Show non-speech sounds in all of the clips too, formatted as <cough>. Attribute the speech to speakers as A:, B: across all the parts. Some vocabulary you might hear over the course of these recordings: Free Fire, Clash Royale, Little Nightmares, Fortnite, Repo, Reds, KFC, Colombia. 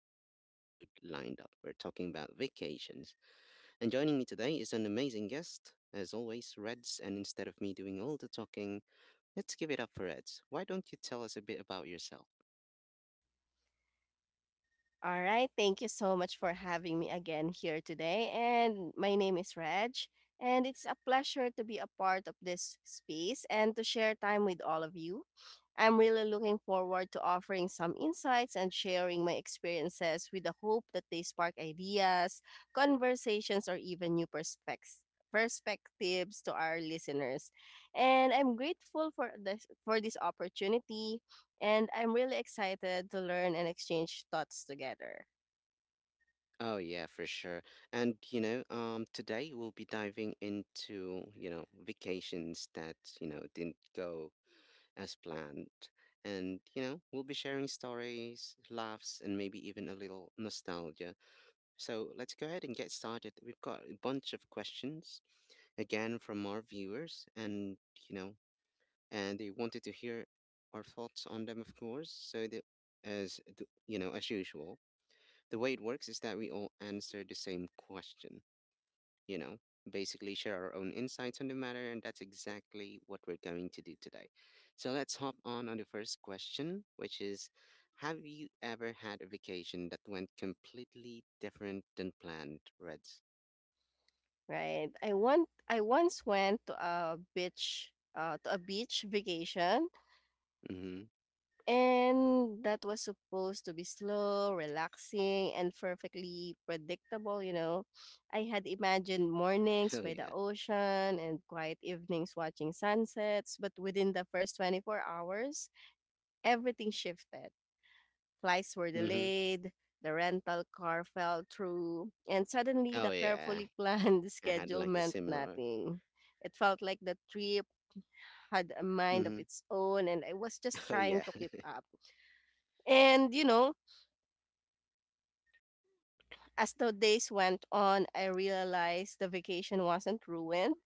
A: fun episode lined up. We're talking about vacations. And joining me today is an amazing guest, as always, Reds. And instead of me doing all the talking, let's give it up for Reds. Why don't you tell us a bit about yourself?
B: All right. Thank you so much for having me again here today. And my name is Reg. And it's a pleasure to be a part of this space and to share time with all of you. I'm really looking forward to offering some insights and sharing my experiences with the hope that they spark ideas, conversations, or even new perspectives to our listeners, and I'm grateful for this opportunity, and I'm really excited to learn and exchange thoughts together.
A: Oh yeah, for sure. And today we'll be diving into vacations that didn't go as planned. And, we'll be sharing stories, laughs, and maybe even a little nostalgia. So let's go ahead and get started. We've got a bunch of questions, again, from our viewers, you know, and they wanted to hear our thoughts on them, of course. So that, as, th- you know, as usual, the way it works is that we all answer the same question, you know, basically share our own insights on the matter. And that's exactly what we're going to do today. So let's hop on the first question, which is, have you ever had a vacation that went completely different than planned, Reds?
B: Right? I once went to a beach vacation,
A: Mm-hmm.
B: and that was supposed to be slow, relaxing and perfectly predictable, you know. I had imagined
A: <laughs>
B: mornings
A: Oh,
B: by the
A: yeah.
B: ocean and quiet evenings watching sunsets, but within the first 24 hours, everything shifted. Flights were
A: Mm-hmm.
B: delayed, the rental car fell through, and suddenly the
A: Oh, yeah.
B: carefully planned <laughs>
A: I had
B: schedule
A: like a
B: meant
A: similar.
B: nothing. It felt like the trip had a mind of
A: Mm-hmm.
B: its own, and I was just
A: Oh,
B: trying
A: yeah.
B: to keep
A: <laughs>
B: up. And, you know, <clears throat> as the days went on, I realized the vacation wasn't ruined,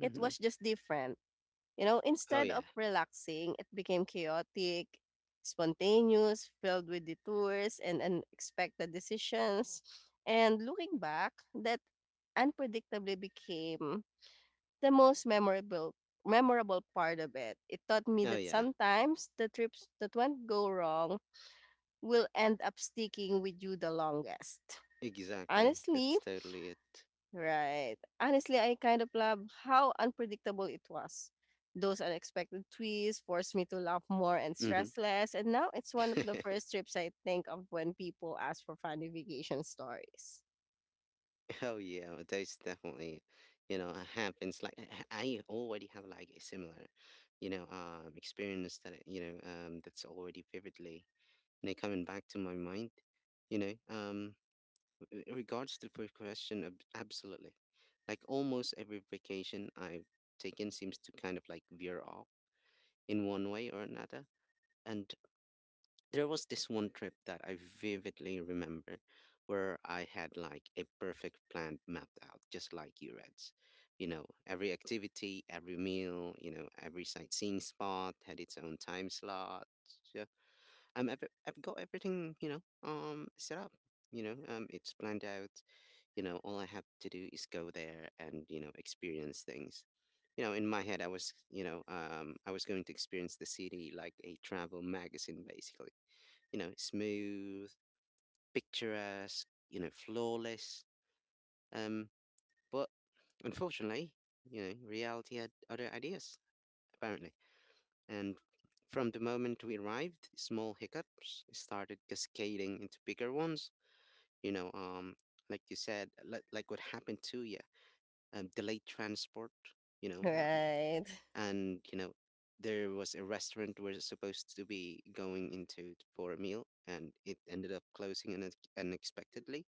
B: it
A: Mm-hmm.
B: was just different. You know,
A: Oh,
B: instead of
A: yeah.
B: relaxing, it became chaotic, spontaneous, filled with detours and unexpected decisions. And looking back, that unpredictably became the most memorable part of it. It taught me
A: Oh,
B: that
A: yeah.
B: sometimes the trips that won't go wrong will end up sticking with you the longest.
A: Exactly.
B: Honestly,
A: That's totally it.
B: Right. Honestly, I kind of love how unpredictable it was. Those unexpected twists forced me to laugh more and stress less, and now it's one of the
A: Mm-hmm. <laughs>
B: first trips I think of when people ask for funny vacation stories.
A: Oh yeah, well, there's definitely, it happens. Like I already have like a similar, experience that's already vividly, coming back to my mind. You know, um, in regards to the first question, absolutely. Like almost every vacation I've taken seems to kind of like veer off in one way or another. And there was this one trip that I vividly remember where I had like a perfect plan mapped out, just like you, reads. Every activity, every meal, every sightseeing spot had its own time slot. Yeah. I've got everything, set up. It's planned out. All I have to do is go there and, experience things. In my head, I was going to experience the city like a travel magazine, basically, smooth, picturesque, flawless. Um, but unfortunately, reality had other ideas, apparently. And from the moment we arrived, small hiccups started cascading into bigger ones. You know, um, like you said, like what happened to you, delayed transport, you know, um,
B: Right. <laughs>
A: and, there was a restaurant we're supposed to be going into for a meal, and it ended up closing unexpectedly.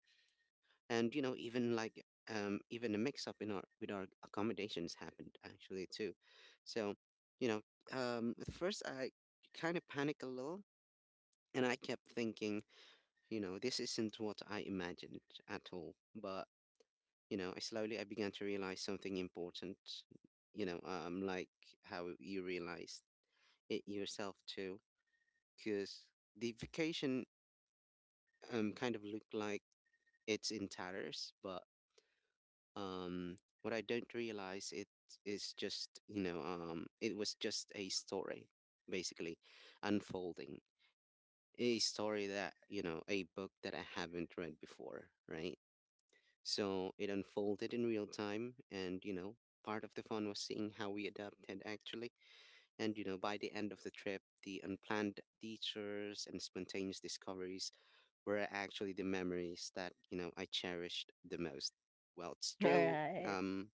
A: And even like even a mix up in our with our accommodations happened, actually, too. So, you know at first, I kind of panicked a little, and I kept thinking, this isn't what I imagined at all. But I began to realize something important, like how you realized it yourself too, because the vacation kind of looked like it's in tatters. But um what I don't realize it is just, it was just a story basically unfolding, a story that, a book that I haven't read before, right? So it unfolded in real time, and part of the fun was seeing how we adapted actually. And by the end of the trip, the unplanned detours and spontaneous discoveries were actually the memories that, I cherished the most. Well, it's true,
B: Right.
A: um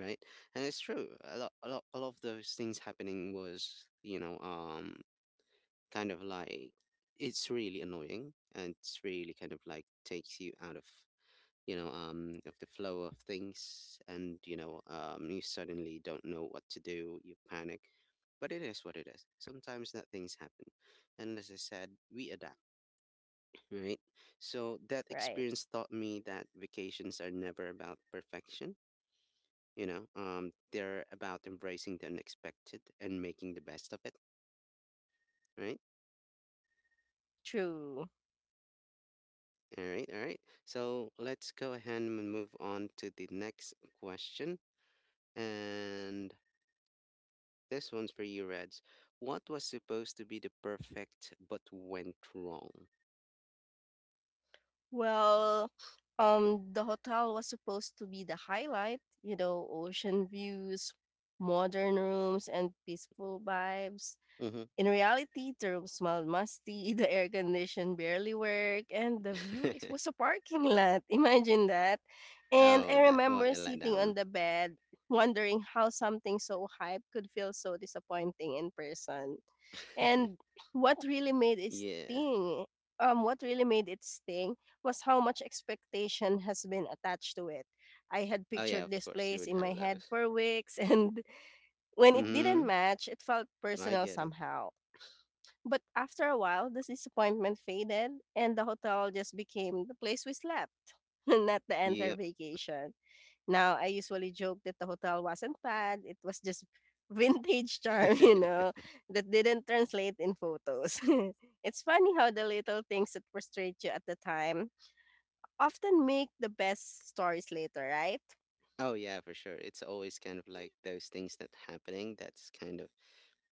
A: right? And it's true. A lot, a lot, a lot of those things happening was, kind of like, it's really annoying, and it's really kind of like takes you out of the flow of things, and you suddenly don't know what to do. You panic. But it is what it is. Sometimes that things happen. And as I said, we adapt, right? So that
B: Right.
A: experience taught me that vacations are never about perfection. They're about embracing the unexpected and making the best of it, right?
B: True.
A: All right, all right. So let's go ahead and move on to the next question. And this one's for you, Reds. What was supposed to be the perfect but went wrong?
B: Well, the hotel was supposed to be the highlight, you know, ocean views, modern rooms and peaceful vibes. In reality, the room smelled musty, <laughs> the air condition barely worked, and the view is,
A: Mm-hmm.
B: was a parking lot. <laughs> Imagine that.
A: <laughs>
B: And
A: Oh,
B: I
A: that what
B: remember
A: a
B: sitting
A: letdown.
B: on the bed, wondering how something so hype could feel so disappointing in person.
A: <laughs>
B: And what really made it
A: Yeah.
B: sting, What really made it sting was how much expectation has been attached to it. I had
A: Oh yeah,
B: pictured
A: of
B: this
A: course you
B: place
A: would
B: in my
A: have
B: head
A: those.
B: for weeks, <laughs> and when it didn't
A: Mm-hmm.
B: match, it felt
A: I
B: personal
A: get it.
B: somehow. But after a while, this disappointment faded, and the hotel just became the place we slept, <laughs> not the entire
A: Yep.
B: vacation. Now, I usually joke that the hotel wasn't bad, it was just vintage charm, <laughs> you
A: <laughs>
B: know, that didn't translate in photos. <laughs> It's funny how the little things that frustrate you at the time often make the best stories later, right?
A: Oh yeah, for sure. It's always kind of like those things that happening that's kind of,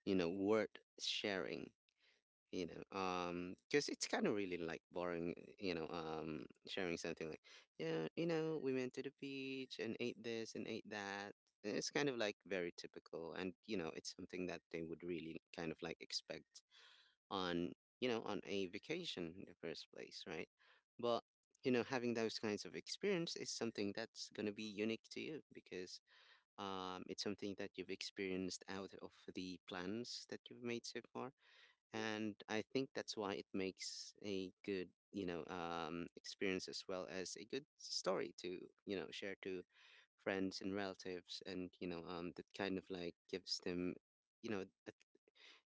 A: worth sharing. Because it's kind of really like boring, sharing something like, yeah, we went to the beach and ate this and ate that. And it's kind of like very typical, and, it's something that they would really kind of like expect on, on a vacation in the first place, right? But, having those kinds of experience is something that's going to be unique to you, because it's something that you've experienced out of the plans that you've made so far. And I think that's why it makes a good, experience, as well as a good story to, share to friends and relatives. And, that kind of like gives them, you know, a-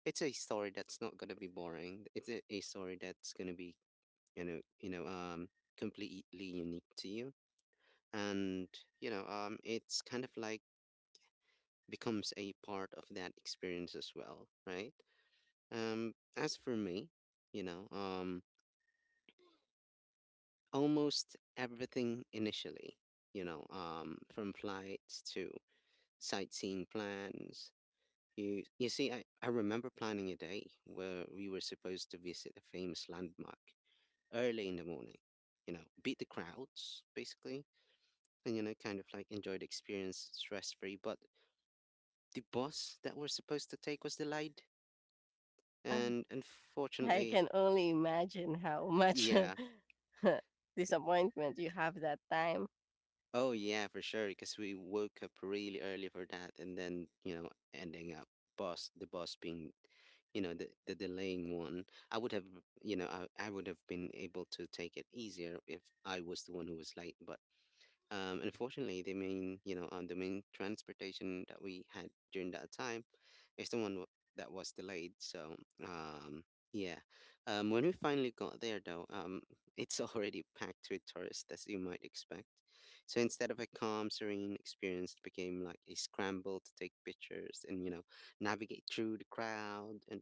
A: it's a story that's not going to be boring. It's a story that's going to be, you know, you know, um, completely unique to you. And, it's kind of like, becomes a part of that experience as well, right? As for me, you know, um, almost everything initially, from flights to sightseeing plans. You see, I remember planning a day where we were supposed to visit a famous landmark early in the morning, beat the crowds basically, and, kind of like enjoy the experience stress free. But the bus that we're supposed to take was delayed.
B: <laughs>
A: And
B: I
A: unfortunately,
B: can only imagine how much
A: yeah.
B: <laughs> disappointment you have that time.
A: Oh, yeah, for sure. Because we woke up really early for that, and then, ending up the boss being, the delaying one. I would have, I would have been able to take it easier if I was the one who was late. But unfortunately, the main transportation that we had during that time. It's the one w- That was delayed. So, um, yeah. When we finally got there, though, <laughs> it's already packed with tourists, as you might expect. So instead of a calm, serene experience, it became like a scramble to take pictures and, navigate through the crowd. And,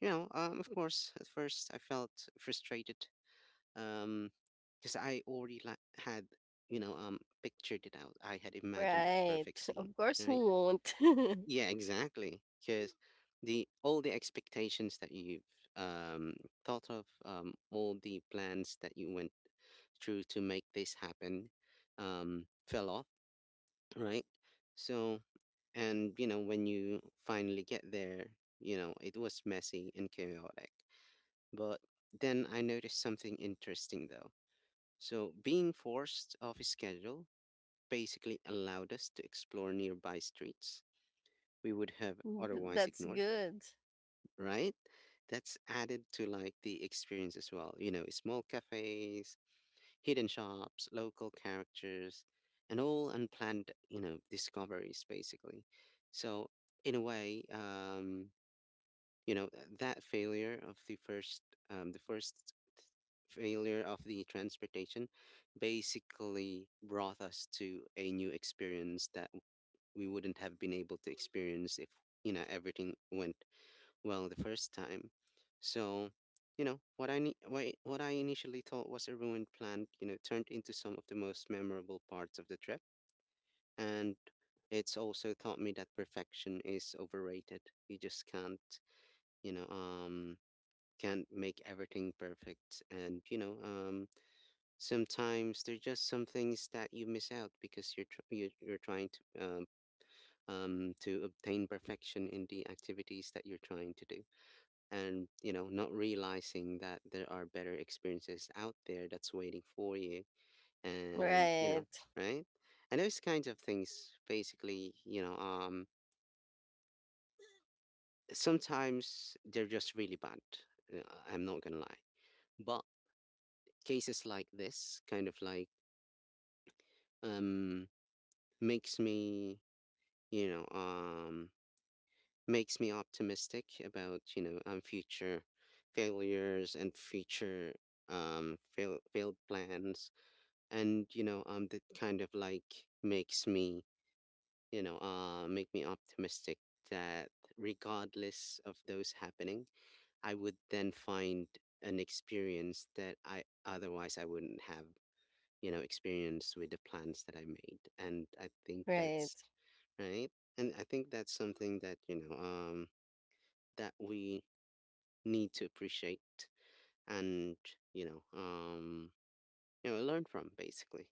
A: of course, at first I felt frustrated, um, because I already like had, pictured it out. I had imagined a
B: Right.
A: perfect
B: Of
A: scene,
B: course, who
A: right?
B: won't? <laughs>
A: Yeah, exactly. Because the all the expectations that you've um, thought of, all the plans that you went through to make this happen, fell off, right? So, and when you finally get there, it was messy and chaotic. But then I noticed something interesting though. So, being forced off a schedule basically allowed us to explore nearby streets we would have
B: Th-
A: otherwise
B: That's
A: ignored,
B: good.
A: right? That's added to like the experience as well. Small cafes, hidden shops, local characters, and all unplanned, discoveries basically. So in a way, you know, that failure of the first failure of the transportation basically brought us to a new experience that we wouldn't have been able to experience if everything went well the first time. So, what I initially thought was a ruined plan, turned into some of the most memorable parts of the trip. And it's also taught me that perfection is overrated. You just can't, you know, can't make everything perfect. And, sometimes there's just some things that you miss out because you're trying to obtain perfection in the activities that you're trying to do. And you know, not realizing that there are better experiences out there that's waiting for you. And you know,
B: Right.
A: right. And those kinds of things basically, sometimes they're just really bad. uh, I'm not gonna lie, but cases like this kind of like, um makes me, you know um makes me optimistic about future failures and future, failed plans. And that kind of like makes me, make me optimistic that regardless of those happening, I would then find an experience that I otherwise I wouldn't have, you know, experience with the plans that I made. And I think
B: Right.
A: that's right. And I think that's something that, that we need to appreciate. And you know um you know, learn from basically.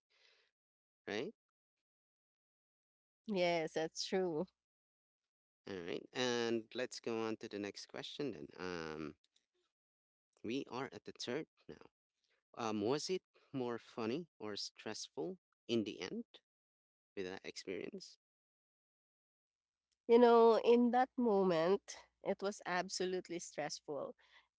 A: Right.
B: Yes, that's true.
A: All right, and let's go on to the next question then. We are at the third now. Was it more funny or stressful in the end with that experience?
B: You know, in that moment, it was absolutely stressful.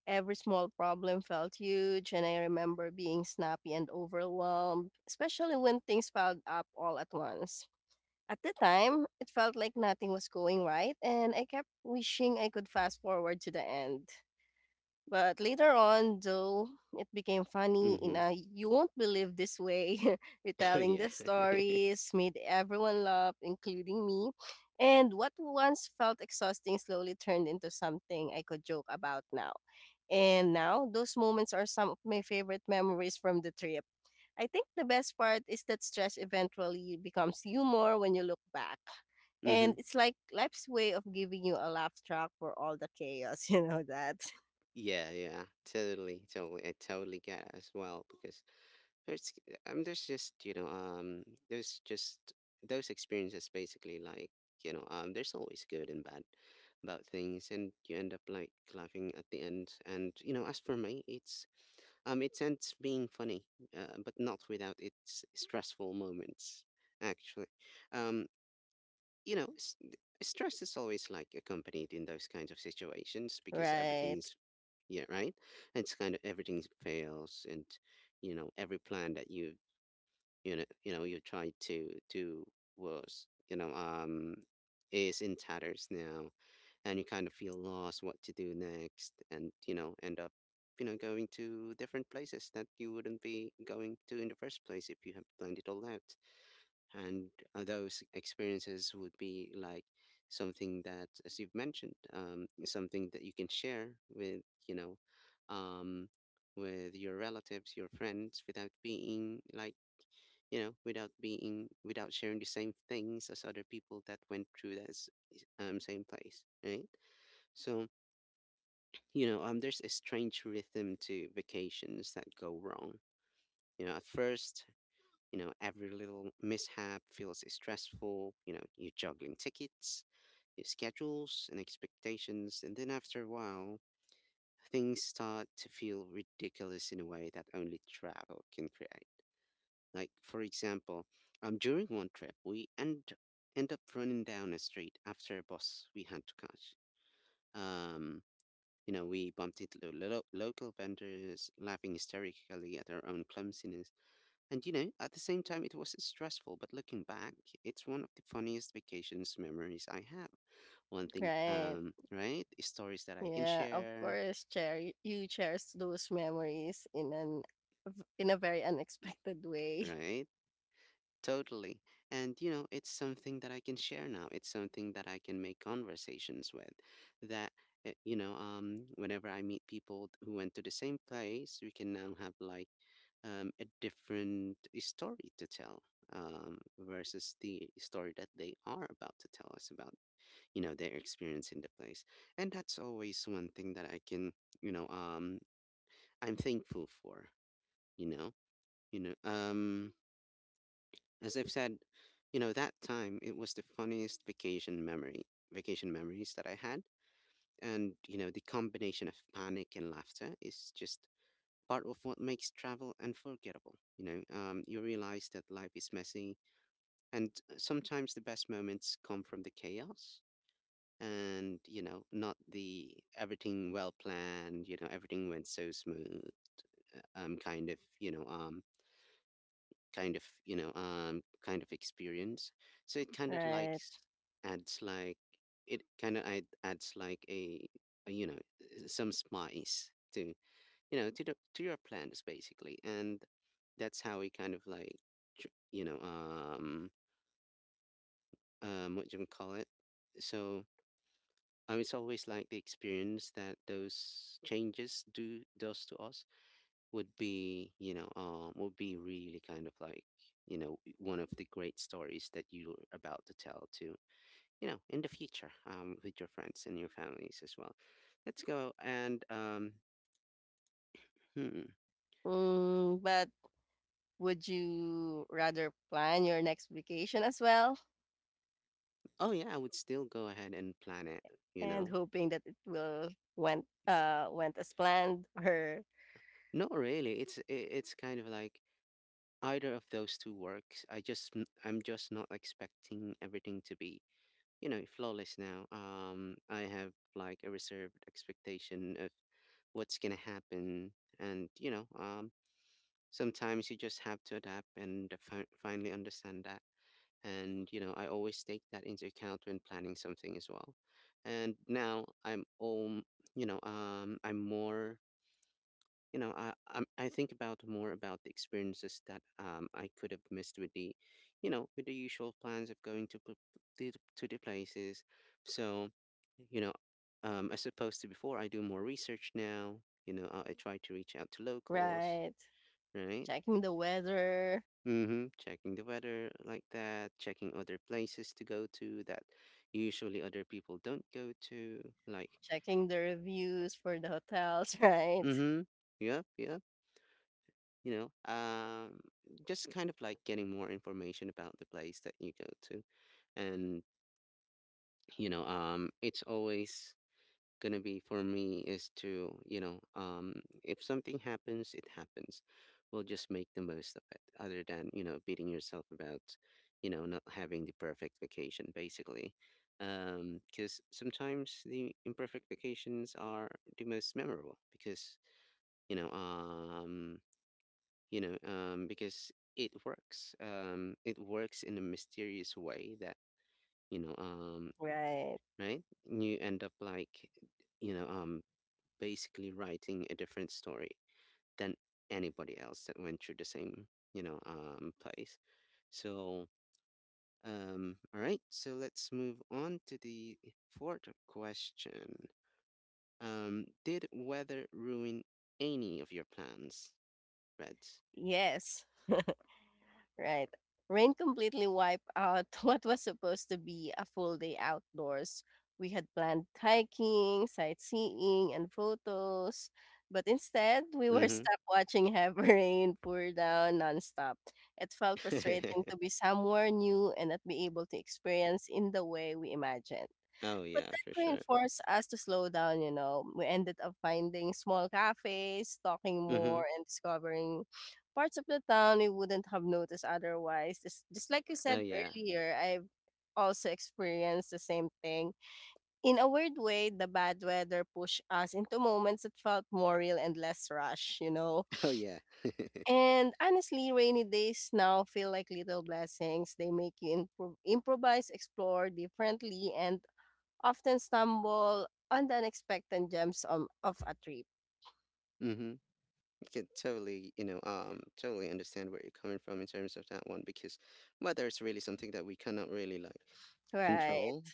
B: Every small problem felt huge, and I remember being snappy and overwhelmed, especially when things piled up all at once. At the time, it felt like nothing was going right, and I kept wishing I could fast forward to the end. But later on, though, it became funny in
A: Mm-hmm.
B: a you won't believe this way, <laughs>
A: <laughs> Oh
B: retelling
A: yeah.
B: the
A: <laughs>
B: stories made everyone laugh, including me. And what once felt exhausting slowly turned into something I could joke about now. And now, those moments are some of my favorite memories from the trip. I think the best part is that stress eventually becomes humor when you look back.
A: Mm-hmm.
B: And it's like life's way of giving you a laugh track for all the chaos, <laughs> you know that.
A: Yeah, yeah. Totally, totally. I totally get it as well because it's, there's just there's just those experiences basically like, there's always good and bad about things, and you end up like laughing at the end. And you know, as for me, it's, it ends being funny, but not without its stressful moments actually. um you know, stress is always like accompanied in those kinds of situations because everything
B: Right,
A: is, yeah, right, it's kind of everything fails. And you know, every plan that you, you know you try to do was, is in tatters now. And you kind of feel lost what to do next, and you know, end up, you know, going to different places that you wouldn't be going to in the first place if you have planned it all out. And those experiences would be like something that, as you've mentioned, something that you can share with, you know um with your relatives, your friends, without being like, you know, without being, without sharing the same things as other people that went through that same place, right? So you know, there's a strange rhythm to vacations that go wrong. You know, at first, you know, every little mishap feels stressful. You know, you're juggling tickets, your schedules, and expectations, and then after a while, things start to feel ridiculous in a way that only travel can create. Like, for example, during one trip, end up running down a street after a bus we had to catch. Um, you know, we bumped into local vendors, laughing hysterically at our own clumsiness. And, you know, at the same time, it was stressful, but looking back, it's one of the funniest vacations memories I have. One thing,
B: right.
A: right? Stories that I can
B: Yeah, of
A: share,
B: course, Cher. You cherish those memories in an in a very unexpected way. <laughs>
A: right? Totally. And you know, it's something that I can share now. It's something that I can make conversations with. That you know, whenever I meet people who went to the same place, we can now have like, a different story to tell, versus the story that they are about to tell us about, you know, their experience in the place. And that's always one thing that I can, you know, I'm thankful for. You know, you know, as I've said, you know, that time it was the funniest vacation memory, vacation memories that I had. And, you know, the combination of panic and laughter is just part of what makes travel unforgettable. You know, you realize that life is messy, and sometimes the best moments come from the chaos, and, you know, not the everything well planned, you know, everything went so smooth, kind of, kind of, kind of experience. So it kind of like
B: Right.
A: adds like, it kind of adds like a some spice to, you know, to the to your plans basically. And that's how we kind of like tr- you know um what do you call it. So it's always like the experience that those changes do, does to us would be, you know, would be really kind of like, you know, one of the great stories that you're about to tell to, you know, in the future, with your friends and your families as well. Let's go and hmm.
B: Mm, but would you rather plan your next vacation as well
A: Oh yeah, I would still go ahead and plan it. You
B: and
A: know,
B: hoping that it will went as planned <laughs> or
A: not really. It's kind of like either of those two works. I'm just not expecting everything to be, you know, flawless now. I have like a reserved expectation of what's gonna happen. And you know, sometimes you just have to adapt and finally understand that. And you know, I always take that into account when planning something as well. And now I'm you know, I'm more, you know, I think about more about the experiences that I could have missed with the, you know, with the usual plans of going to to the places. So, you know, as opposed to before, I do more research now. You know, I try to reach out to locals,
B: right,
A: right?
B: checking the weather,
A: Mm-hmm. Checking the weather like that, checking other places to go to that usually other people don't go to. Like,
B: checking the reviews for the hotels, <laughs> right?
A: mm-hmm. Yep, yep. You know, just kind of like getting more information about the place that you go to. And it's always gonna be, for me, is to, if something happens, it happens. We'll just make the most of it, other than, you know, beating yourself about, you know, not having the perfect vacation basically. Because sometimes the imperfect vacations are the most memorable because, you know um you know, because it works. It works in a mysterious way that, you know,
B: Right.
A: right? You end up like, you know, basically writing a different story than anybody else that went through the same, you know, place. So, all right. So let's move on to the fourth question. Did weather ruin any of your plans, Reds?
B: Yes. Right. Rain completely wiped out <laughs> what was supposed to be a full day outdoors. We had planned hiking, sightseeing, and photos, but instead we were <laughs>
A: Mm-hmm.
B: stuck watching heavy <laughs> rain pour down nonstop. It felt frustrating to be somewhere new and not be able to experience in the way we imagined.
A: <laughs> Oh
B: But
A: yeah,
B: that
A: for sure.
B: reinforced us to slow down, you know. We ended up finding small cafes, talking
A: Mm-hmm.
B: more, and discovering parts of the town we wouldn't have noticed otherwise. Just like you
A: Oh
B: said
A: yeah.
B: earlier, I've also experienced the same thing. In a weird way, the bad weather pushed us into moments that felt more real and less rushed, you know.
A: <laughs> Oh yeah.
B: And honestly, rainy days now feel like little blessings. They make you improvise, explore differently, and often stumble on the unexpected gems of a trip.
A: Mm-hmm. I could totally, you know, totally understand where you're coming from in terms of that one, because weather is really something that we cannot really like control.
B: Right.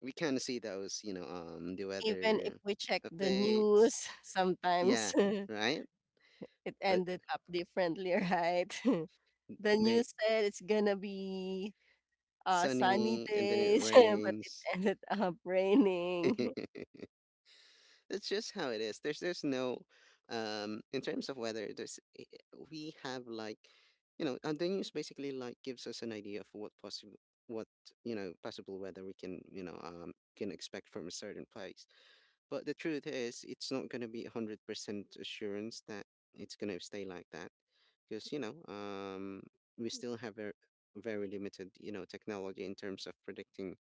A: We kind of see those, you know, the
B: Even if
A: weather
B: we check the
A: updates.
B: news, <laughs> sometimes
A: Yeah,
B: <laughs>
A: right.
B: it
A: But
B: ended up differently, right? <laughs>
A: eh,
B: The
A: they
B: news said it's gonna be sunny
A: sunny and then it
B: days, <laughs> but it
A: rains.
B: ended up raining. <laughs>
A: <laughs> That's just how it is. There's no in terms of weather, we have like, the news basically like gives us an idea of what possible, what, you know, possible weather we can, can expect from a certain place. But the truth is, it's not going to be 100% assurance that it's going to stay like that, because we still have a very limited, you know, technology in terms of predicting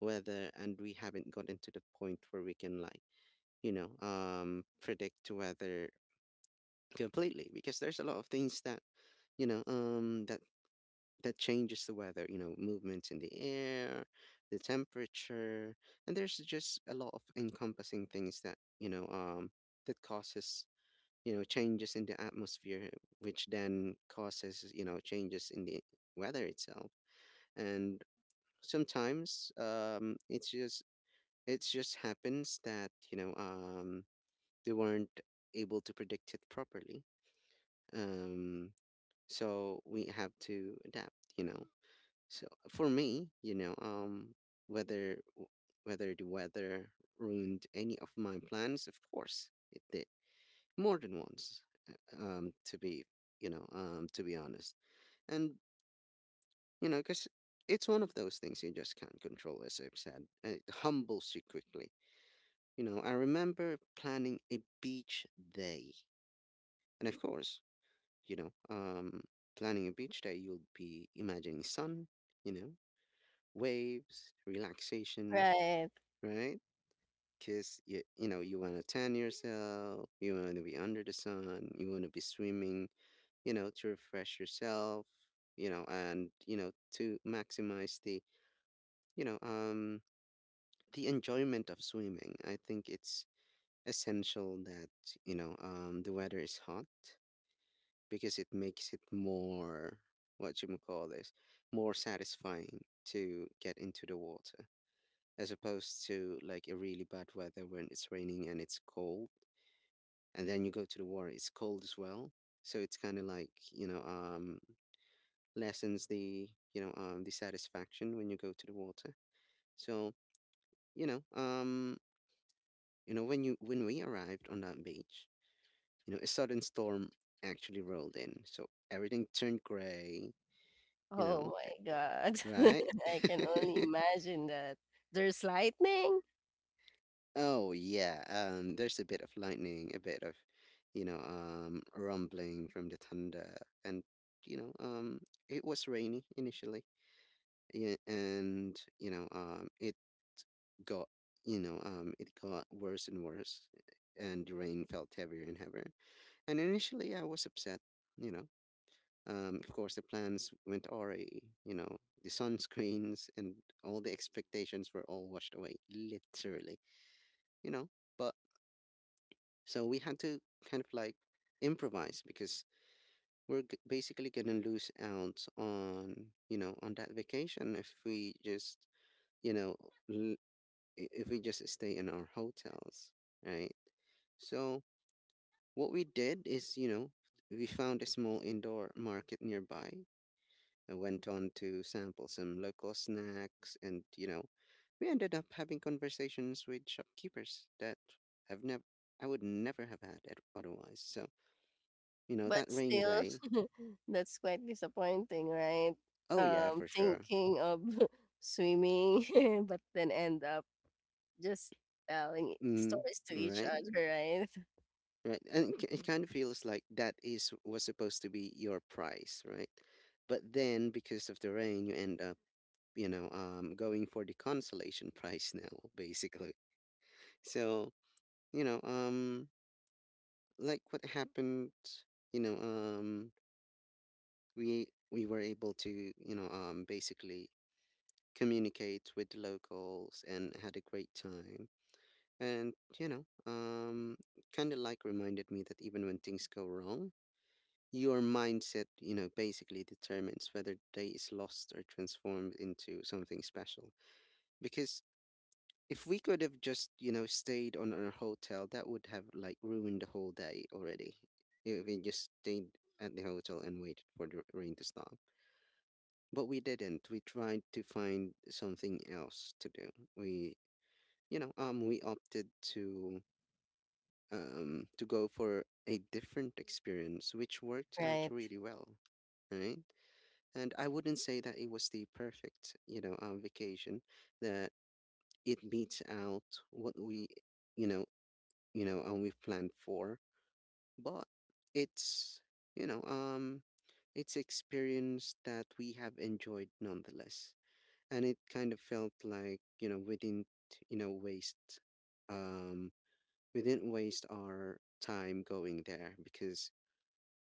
A: weather. And we haven't gotten to the point where we can like, predict weather completely, because there's a lot of things that, you know um that that changes the weather, you know, movements in the air, the temperature. And there's just a lot of encompassing things that, that causes, you know, changes in the atmosphere, which then causes, you know, changes in the weather itself. And sometimes it's just, it just happens that, they weren't able to predict it properly. Um, so we have to adapt, you know. So for me, you know, whether w- whether the weather ruined any of my plans, of course it did, more than once. To be, you know, to be honest, and you know, because it's one of those things you just can't control, as I've said. It humbles you quickly. You know, I remember planning a beach day, and of course, you know um planning a beach day, you'll be imagining sun, you know, waves, relaxation,
B: Right.
A: right? Because you know, you want to tan yourself, you want to be under the sun, you want to be swimming, you know, to refresh yourself, you know. And you know, to maximize the, you know um the enjoyment of swimming, I think it's essential that, the weather is hot, because it makes it more, what you call this, more satisfying to get into the water, as opposed to like a really bad weather when it's raining and it's cold. And then you go to the water, it's cold as well. So it's kind of like, you know, lessens the, you know, the satisfaction when you go to the water. So, you know, um, you know, when we arrived on that beach, you know, a sudden storm actually rolled in. So everything turned gray, you know,
B: Oh my God.
A: right?
B: <laughs> I can
A: <laughs>
B: only imagine that. There's lightning.
A: Oh yeah, there's a bit of lightning, a bit of, you know, rumbling from the thunder, and you know, it was rainy initially, yeah, and you know, it got, you know, it got worse and worse, and the rain felt heavier and heavier. And initially, I was upset, you know, of course, the plans went awry, you know, the sunscreens and all the expectations were all washed away, literally. You know but so we had to kind of like improvise because basically going to lose out on, on that vacation if we just, you know l- if we just stay in our hotels, right? So what we did is, we found a small indoor market nearby. I went on to sample some local snacks, and, we ended up having conversations with shopkeepers that I've never, I would never have had it otherwise. So,
B: But
A: that rainy
B: still,
A: day.
B: <laughs> that's quite disappointing, right?
A: Oh yeah, for sure.
B: Thinking of <laughs> swimming, <laughs> but then end up just telling
A: Mm,
B: stories to each
A: right,
B: other, right? <laughs>
A: right, and it kind of feels like that is was supposed to be your price, right? But then because of the rain, you end up, going for the consolation <laughs> price now, basically. So, you know, um. like what happened, you know um we were able to, basically communicate with the locals and had a great time. And, kind of like reminded me that even when things go wrong, your mindset, basically determines whether the day is lost or transformed into something special. Because if we could have just, stayed on our hotel, that would have like ruined the whole day already. If we just stayed at the hotel and waited for the rain to stop. But we didn't. We tried to find something else to do. We, we opted to to go for a different experience, which worked out
B: Right,
A: really well, right? And I wouldn't say that it was the perfect, vacation. That it beats out what we, you know and we've planned for. But it's, you know, um, it's experience that we have enjoyed nonetheless. And it kind of felt like, you know, waste, um, we didn't waste our time going there because,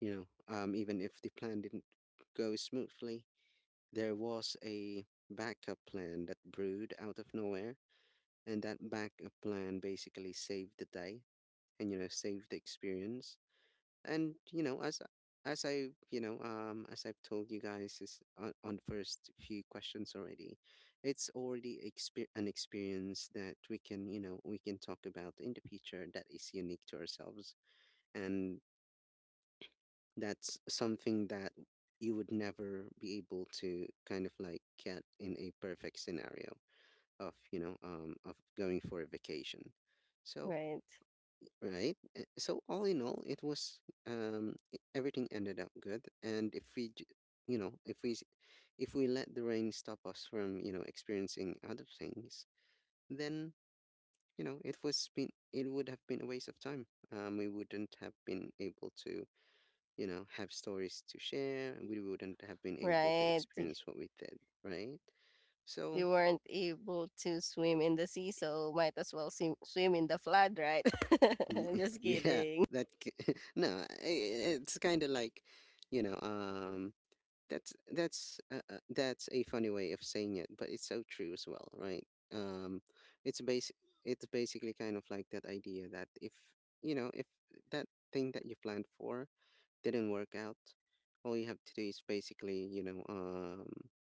A: even if the plan didn't go smoothly, there was a backup plan that brewed out of nowhere. And that backup plan basically saved the day and, saved the experience. And as I've told you guys on first few questions already, it's already an experience that we can, we can talk about in the future, that is unique to ourselves. And that's something that you would never be able to kind of like get in a perfect scenario of you know of going for a vacation, so,
B: right.
A: right? So all in all, it was everything ended up good. And if we, j- you know, if we, s- if we let the rain stop us from, experiencing other things, then, it would have been a waste of time. We wouldn't have been able to, have stories to share. And we
B: Mm,
A: wouldn't have been able to
B: Right.
A: experience what we did, right? So,
B: You weren't able to swim in the sea, so might as well swim, swim in the flood, right? <laughs> Just
A: <laughs> yeah,
B: kidding.
A: that ki- <laughs> no, it's kind of like, you know, um that's a funny way of saying it, but it's so true as well, right? Um, it's basic. It's basically kind of like that idea that if that thing that you planned for didn't work out, all you have to do is basically,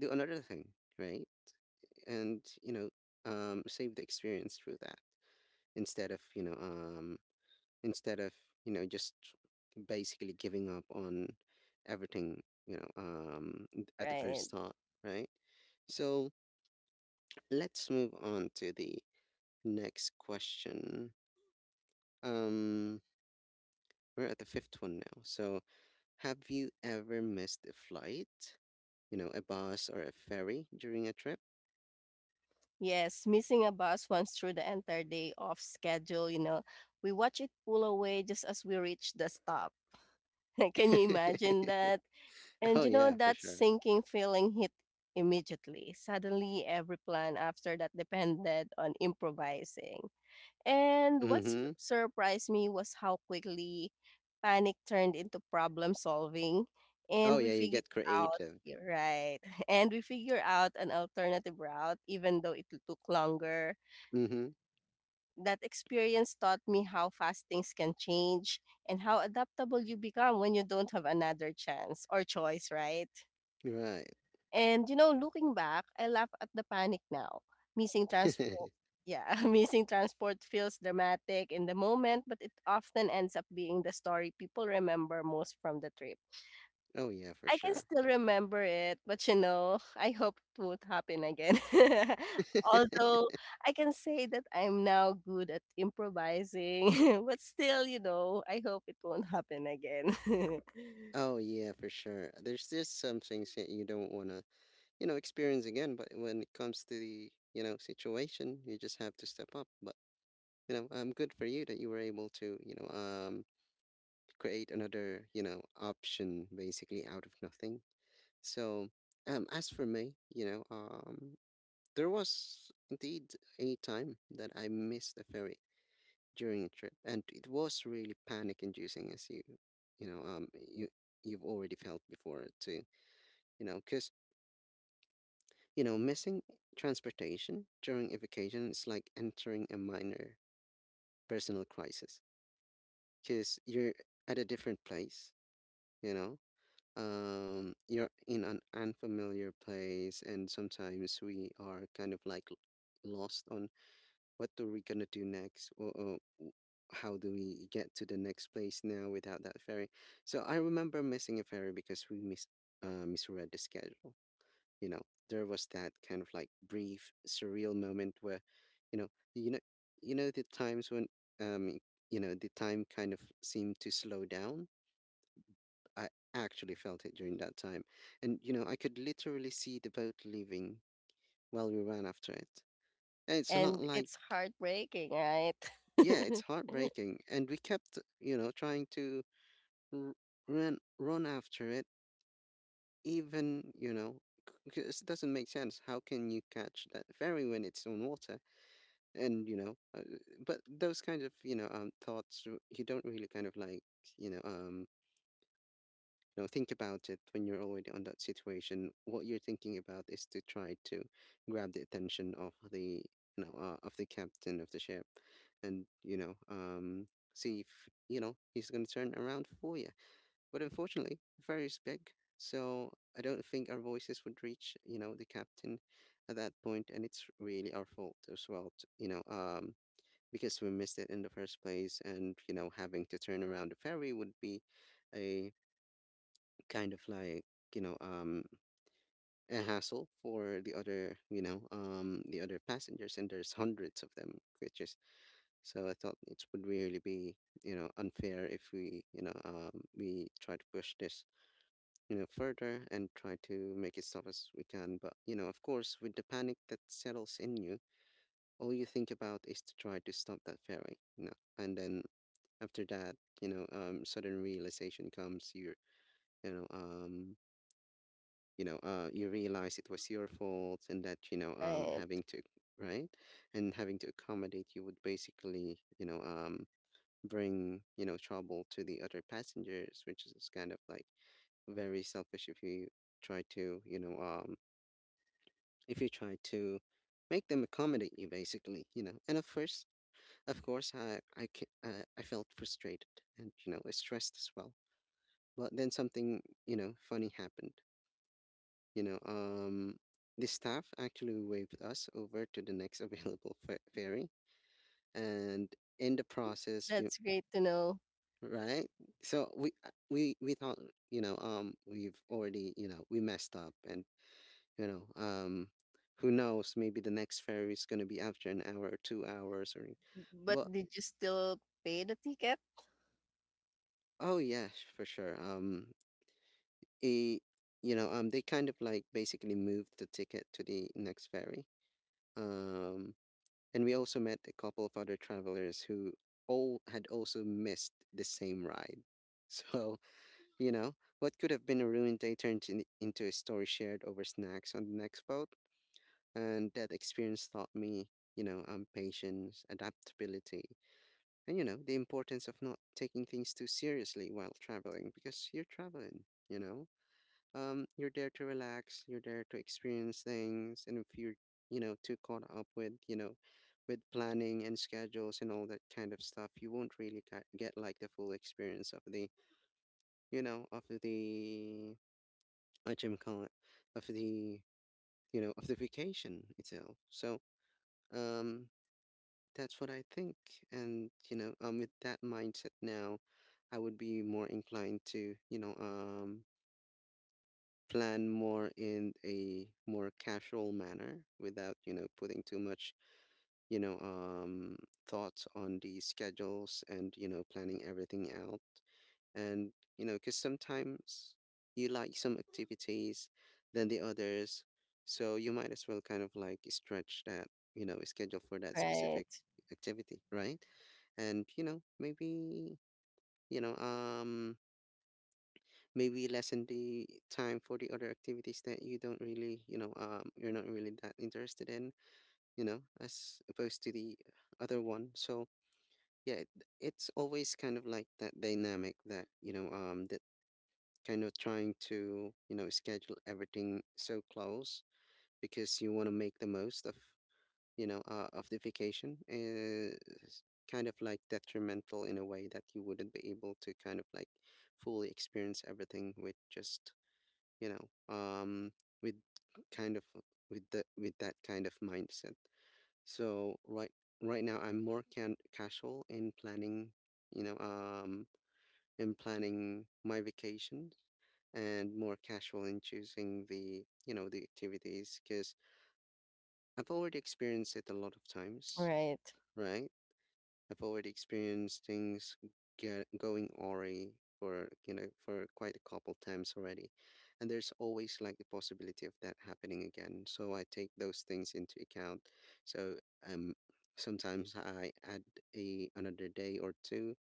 A: do another thing, right? And, save the experience through that, instead of you know um, instead of, just basically giving up on everything, at the
B: Right.
A: first thought, right. So let's move on to the next question. um we're at the fifth one now. So have you ever missed a flight, a bus or a ferry during a trip?
B: Yes, missing a bus once through the entire day off schedule, you know. We watch it pull away just as we reach the stop. <laughs> Can you
A: <laughs>
B: imagine that?
A: Oh
B: And you know,
A: yeah, for
B: that
A: sure.
B: sinking feeling hit immediately. Suddenly, every plan after that depended on improvising. And what
A: Mm-hmm.
B: surprised me was how quickly panic turned into problem solving.
A: Oh
B: And we
A: yeah, you
B: figured
A: get
B: out,
A: creative.
B: Right? <laughs> And we figured out an alternative route, even though it took longer.
A: Mm-hmm.
B: That experience taught me how fast things can change and how adaptable you become when you don't have another chance or choice, right?
A: Right.
B: And you know, looking back, I laugh at the panic now. Missing transport
A: <laughs>
B: yeah, <laughs> Missing transport feels dramatic in the moment, but it often ends up being the story people remember most from the trip.
A: Oh yeah, for
B: I can
A: sure.
B: still remember it, but, you know, I hope it won't happen again. <laughs> Although I can say that I'm now good at improvising, <laughs> but still, you know, I hope it won't happen again. <laughs>
A: Oh yeah, for sure. There's just some things that you don't want to, experience again. But when it comes to the, situation, you just have to step up. But, good for you that you were able to, create another, option basically out of nothing. So, as for me, there was indeed a time that I missed the ferry during a trip, and it was really panic-inducing, as you, you know, you you've already felt before too, because, missing transportation during a vacation is like entering a minor personal crisis because you're at a different place, you know, you're in an unfamiliar place, and sometimes we are kind of like lost on what are we gonna do next or how do we get to the next place now without that ferry. So I remember missing a ferry because we misread the schedule. you know there was that kind of like brief surreal moment where you know you know the times when um you know the time kind of seemed to slow down. I actually felt it during that time. And I could literally see the boat leaving while we ran after it. And it's a lot
B: And
A: like,
B: it's heartbreaking, right?
A: yeah, it's
B: <laughs>
A: heartbreaking. And we kept, trying to r- run after it, even, because it doesn't make sense. How can you catch that ferry when it's on water? And you know uh, but those kind of, thoughts, you don't really kind of like, you know um think about it when you're already on that situation. What you're thinking about is to try to grab the attention of the, of the captain of the ship. And, see if, he's going to turn around for you. But unfortunately, the ferry is big, so I don't think our voices would reach, the captain at that point. And it's really our fault as well, because we missed it in the first place. And, having to turn around the ferry would be, a kind of like, you know, um, a hassle for the other passengers. And there's hundreds of them, which is, so I thought it would really be, unfair if we try to push this, further and try to make it stop as we can. But, of course, with the panic that settles in you, all you think about is to try to stop that ferry, and then after that, sudden realization comes. You you know um you know uh you realize it was your fault and that,
B: Right.
A: having to, right, and having to accommodate you would basically, bring, trouble to the other passengers, which is kind of like very selfish if you try to you know if you try to make them accommodate you, basically, and at first, of course, I felt frustrated and, stressed as well. But then something, funny happened. You know, um, the staff actually waved us over to the next <laughs> available ferry, and in the
B: Um,
A: process,
B: that's great to know.
A: right? So we thought, we've already, we messed up. And, you know, um, who knows? Maybe the next ferry is gonna be after an hour or 2 hours, or,
B: But
A: but
B: did you still pay the ticket?
A: oh yeah, for sure. A they kind of like basically moved the ticket to the next ferry. Um, and we also met a couple of other travelers who all had also missed the same ride. <laughs> So, you know, what could have been a ruined day turned into a story shared over snacks on the next boat. And that experience taught me, patience, adaptability, and, the importance of not taking things too seriously while traveling because you're traveling, you know? You're there to relax, you're there to experience things, and if you're, too caught up with planning and schedules and all that kind of stuff, you won't really get like the full experience of the, what you call it, of the, of the vacation itself. So, um, that's what I think. And, with that mindset now, I would be more inclined to, plan more in a more casual manner without, putting too much, you know, um, thoughts on the schedules and, planning everything out. And, because sometimes you like some activities than the others. So you might as well kind of like stretch that, schedule for that specific
B: Right.
A: activity, right? And, you know, um, maybe lessen the time for the other activities that you don't really, you're not really that interested in, you know, as opposed to the other one. So yeah, it's always kind of like that dynamic that that kind of trying to schedule everything so close because you want to make the most of of the vacation is kind of like detrimental in a way that you wouldn't be able to kind of like fully experience everything with just you know um with kind of with the with that kind of mindset. So right, right now I'm more can casual in planning, you know um in planning my vacations, and more casual in choosing the, you know, the activities because I've already experienced it a lot of times,
B: Right.
A: right? I've already experienced things get going awry for, for quite a couple times already, and there's always like the possibility of that happening again. So I take those things into account. So um, sometimes I add a another day or two.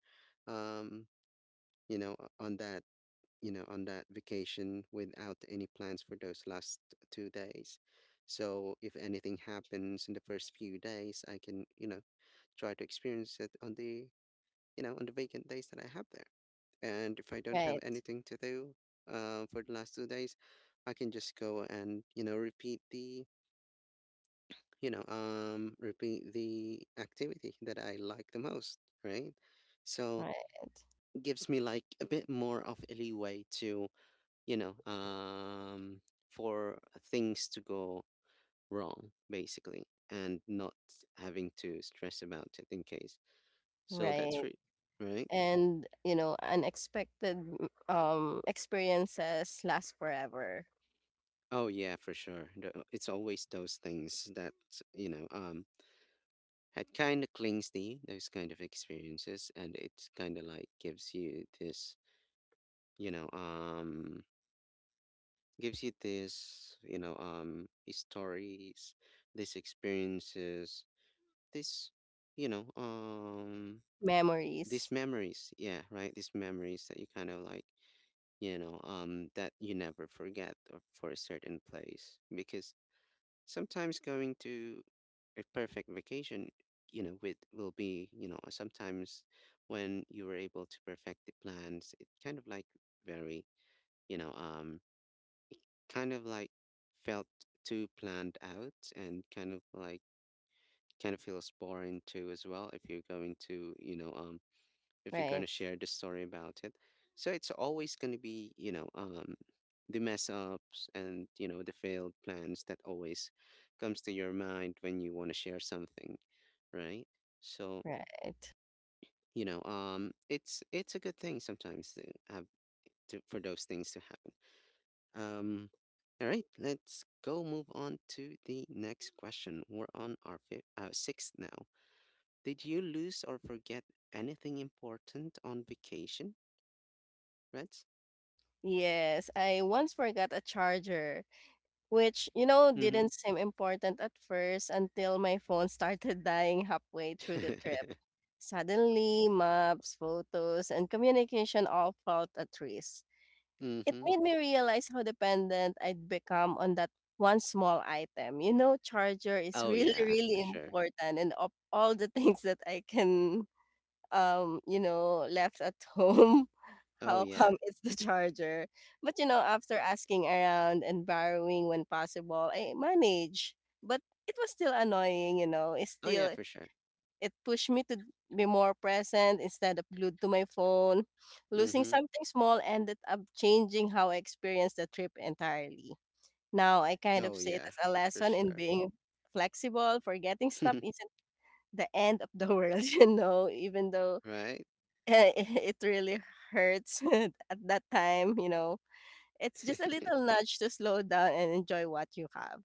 A: Um, on that, on that vacation without any plans for those last 2 days. So if anything happens in the first few days, I can, you know, try to experience it on the, you know, on the vacant days that I have there. And if I don't have
B: Right.
A: anything to do for the last 2 days, I can just go and, repeat the, repeat the activity that I like the most, right? So
B: Right.
A: it gives me like a bit more of a leeway to, you know, um, for things to go wrong, basically, and not having to stress about it in case. So that's
B: Right.
A: it, right?
B: And you know unexpected experiences last forever
A: Oh yeah, for sure. It's always those things that, you know, um it kind of clings to you, those kind of experiences, and it kind of like gives you this, you know, um gives you this, stories, these experiences, this, you know, um these
B: memories
A: memories, yeah, right? These memories that you kind of like, that you never forget or for a certain place because sometimes going to a perfect vacation, you know, with will be, you know, sometimes when you were able to perfect the plans, it kind of like very, you know, um, kind of like felt too planned out and kind of like kind of feels boring too as well if you're going to, if you're going
B: right
A: to share the story about it. So it's always going to be, the mess ups and, you know, the failed plans that always comes to your mind when you want to share something, right? So,
B: right.
A: it's a good thing sometimes to have to, for those things to happen. Um, all right, let's go move on to the next question. We're on our fifth, sixth now. Did you lose or forget anything important on vacation, Reds?
B: Yes, I once forgot a charger which you know
A: Mm-hmm.
B: didn't seem important at first until my phone started <laughs> dying halfway through the trip.
A: <laughs>
B: Suddenly maps photos and communication all felt at risk. It
A: Mhm.
B: made me realize how dependent I'd become on that one small item. You know, charger is <laughs>
A: Oh
B: really,
A: yeah, for
B: really
A: sure.
B: important and of all the things that you know, left at home, <laughs>
A: Oh
B: how
A: yeah.
B: come it's the charger? But, you know, after asking around and borrowing when possible, I manage. But it was still annoying, you know, it's
A: Oh yeah,
B: still
A: for sure.
B: it pushed me to be more present instead of glued to my phone. Losing
A: Mhm.
B: something small ended up changing how I experienced the trip entirely. Now I kind of
A: Oh
B: see it
A: yeah,
B: as a
A: for
B: lesson in
A: sure.
B: being flexible, forgetting stuff
A: <laughs>
B: isn't the end of the world, <laughs> you know, even though
A: Right?
B: <laughs> it really hurts <laughs> at that time, you know. It's just a little
A: <laughs>
B: nudge to slow down and enjoy what you have.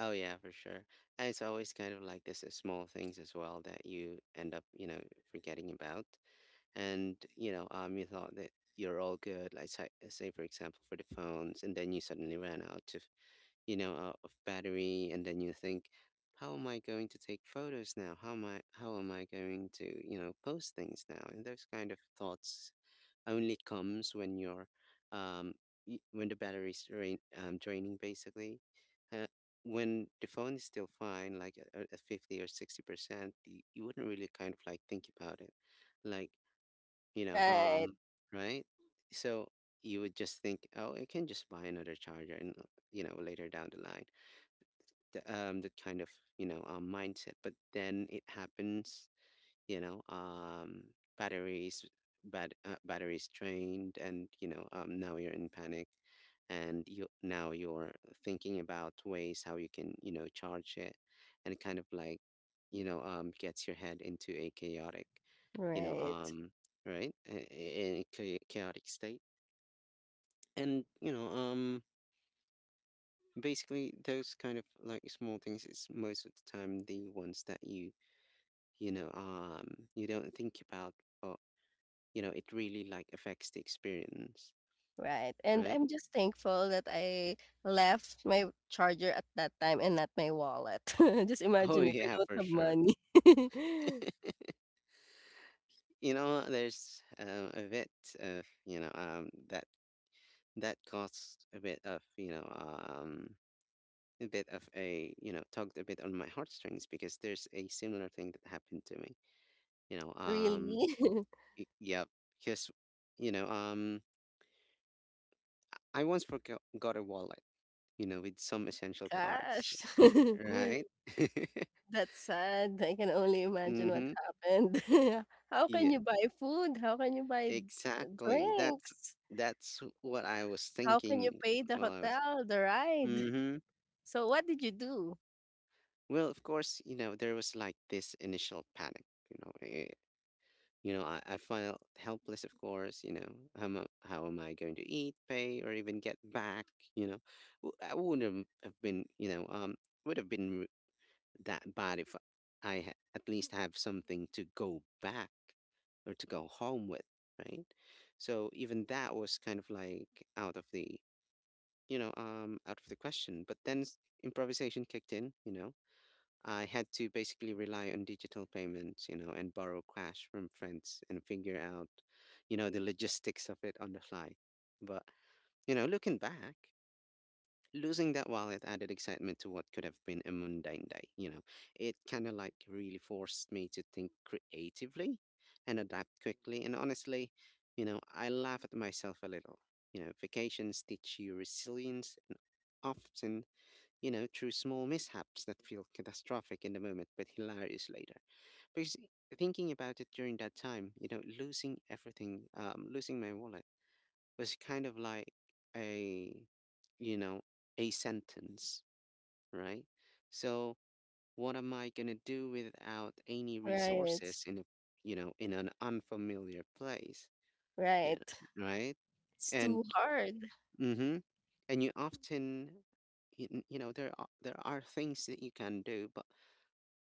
A: Oh yeah, for sure. And it's always kind of like this small things as well that you end up, you know, forgetting about. And, you thought that you're all good, like say for example for the phones, and then you suddenly ran out of, out of battery, and then you think, how am I going to take photos now, how am I going to, you know, post things now? And those kind of thoughts only comes when you're um when the draining basically. uh, when the phone is still fine like at 50 or 60%, you, you wouldn't really kind of like think about it like, you know
B: Right,
A: um right? So you would just think, oh, I can just buy another charger and, you know, later down the line, that kind of, mindset. But then it happens, you know, um, batteries, batteries drained, and, now you're in panic, and you now you're thinking about ways how you can, you know, charge it, and it kind of like, gets your head into a chaotic, you know
B: right.
A: um, right, a chaotic state, and, basically those kind of like small things is most of the time the ones that you know you don't think about, but, you know, it really like affects the experience,
B: Right, and
A: right?
B: I'm just thankful that I left my charger at that time and not my wallet. <laughs> Just
A: <laughs> Oh
B: imagine if I
A: yeah,
B: don't
A: for
B: have
A: sure.
B: money. <laughs>
A: You know, there's a bit of, that that caused a bit of, a bit of a, you know, tugged a bit on my heartstrings, because there's a similar thing that happened to me, you know um
B: Really? <laughs>
A: yeah. Because, you know um I once forgot got a wallet, you know, with some essential cards,
B: Gosh, <laughs>
A: right? <laughs>
B: that's sad. I can only imagine what
A: Mm-hmm.
B: happened. <laughs> How can
A: Yeah,
B: you buy food? How can you buy
A: exactly. That's
B: drinks?
A: that's what I was
B: How can you
A: thinking
B: pay the
A: while I was.
B: hotel, the ride?
A: Mm-hmm.
B: So what did you do?
A: Well, of course, you know, there was like this initial panic. You know, eh, you know, I felt helpless. Of course, you know, how am I going to eat, pay, or even get back? You know, I wouldn't have been. Would have been that but if I at least have something to go back or to go home with, right? So even that was kind of like out of the, out of the question. But then improvisation kicked in. You know, I had to basically rely on digital payments. You know, and borrow cash from friends and figure out, you know, the logistics of it on the fly. But, you know, looking back. Losing that wallet added excitement to what could have been a mundane day, you know. It kind of like really forced me to think creatively and adapt quickly. And honestly, you know, I laugh at myself a little. You know, vacations teach you resilience and often, you know, through small mishaps that feel catastrophic in the moment but hilarious later. Because thinking about it during that time, you know, losing everything, losing my wallet was kind of like a, you know a sentence, right? So what am I going to do without any
B: Right,
A: resources in a, in an unfamiliar place? Yeah,
B: right.
A: right.
B: It's
A: And
B: too hard.
A: mm-hmm. And you often, you know, there are, things that you can do, but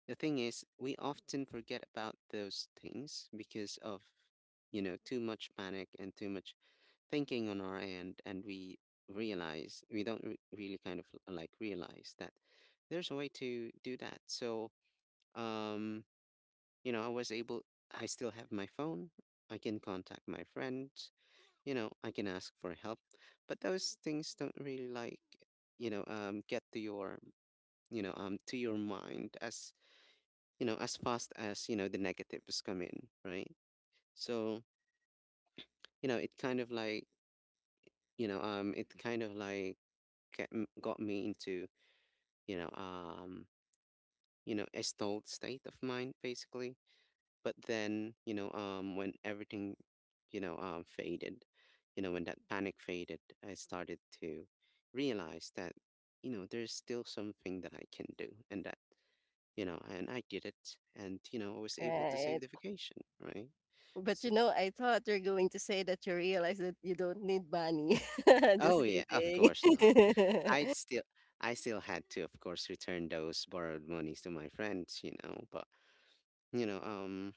A: the thing is we often forget about those things because of, you know, too much panic and too much thinking on our end, and we realize we don't really kind of, realize that there's a way to do that. So um you know, I was able, I still have my phone, I can contact my friends, you know, I can ask for help. But those things don't really like, get to your, to your mind as, you know, as fast as, you know, the negatives come in, right? So, you know, it kind of like, it kind of like got me into, you know um you know, a stalled state of mind, basically. But then, when everything, faded, you know, when that panic faded, I started to realize that, you know, there's still something that I can do, and that, you know, and I did it, and, you know, I was able to save
B: Right.
A: the vacation, right?
B: But,
A: So
B: you know, I thought you're going to say that you realize that you don't need money. <laughs> Just
A: oh yeah, of
B: kidding.
A: course not. i'd
B: <laughs>
A: still I still had to, of course, return those borrowed monies to my friends, you know. But, you know, um,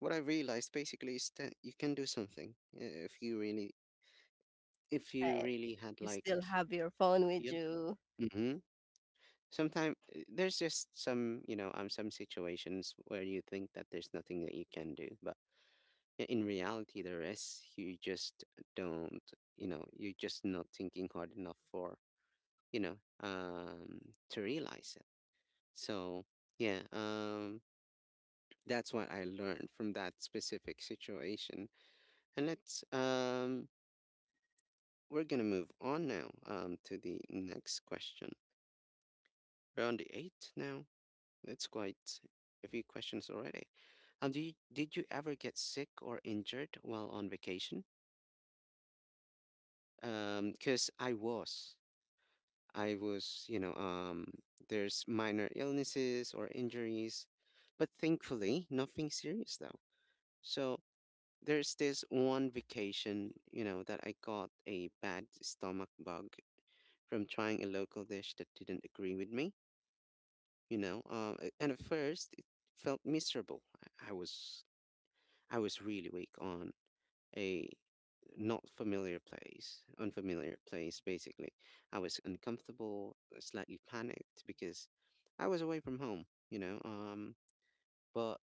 A: what I realized basically is that you can do something if you
B: Right.
A: really had
B: You
A: like,
B: still have your phone with
A: yep.
B: you.
A: Mm-hmm. Sometimes there's just some, some situations where you think that there's nothing that you can do, but in reality there is. You just don't, you know, you're just not thinking hard enough for, you know, um, to realize it. So yeah, that's what I learned from that specific situation. And let's we're gonna move on now, to the next question. We're on the eight now. It's quite a few questions already. Did you ever get sick or injured while on vacation? Because I was, there's minor illnesses or injuries, but thankfully nothing serious though. So there's this one vacation, you know, that I got a bad stomach bug from trying a local dish that didn't agree with me, you know. And at first, it felt miserable. I was really weak on a not familiar place, unfamiliar place. Basically, I was uncomfortable, slightly panicked because I was away from home, but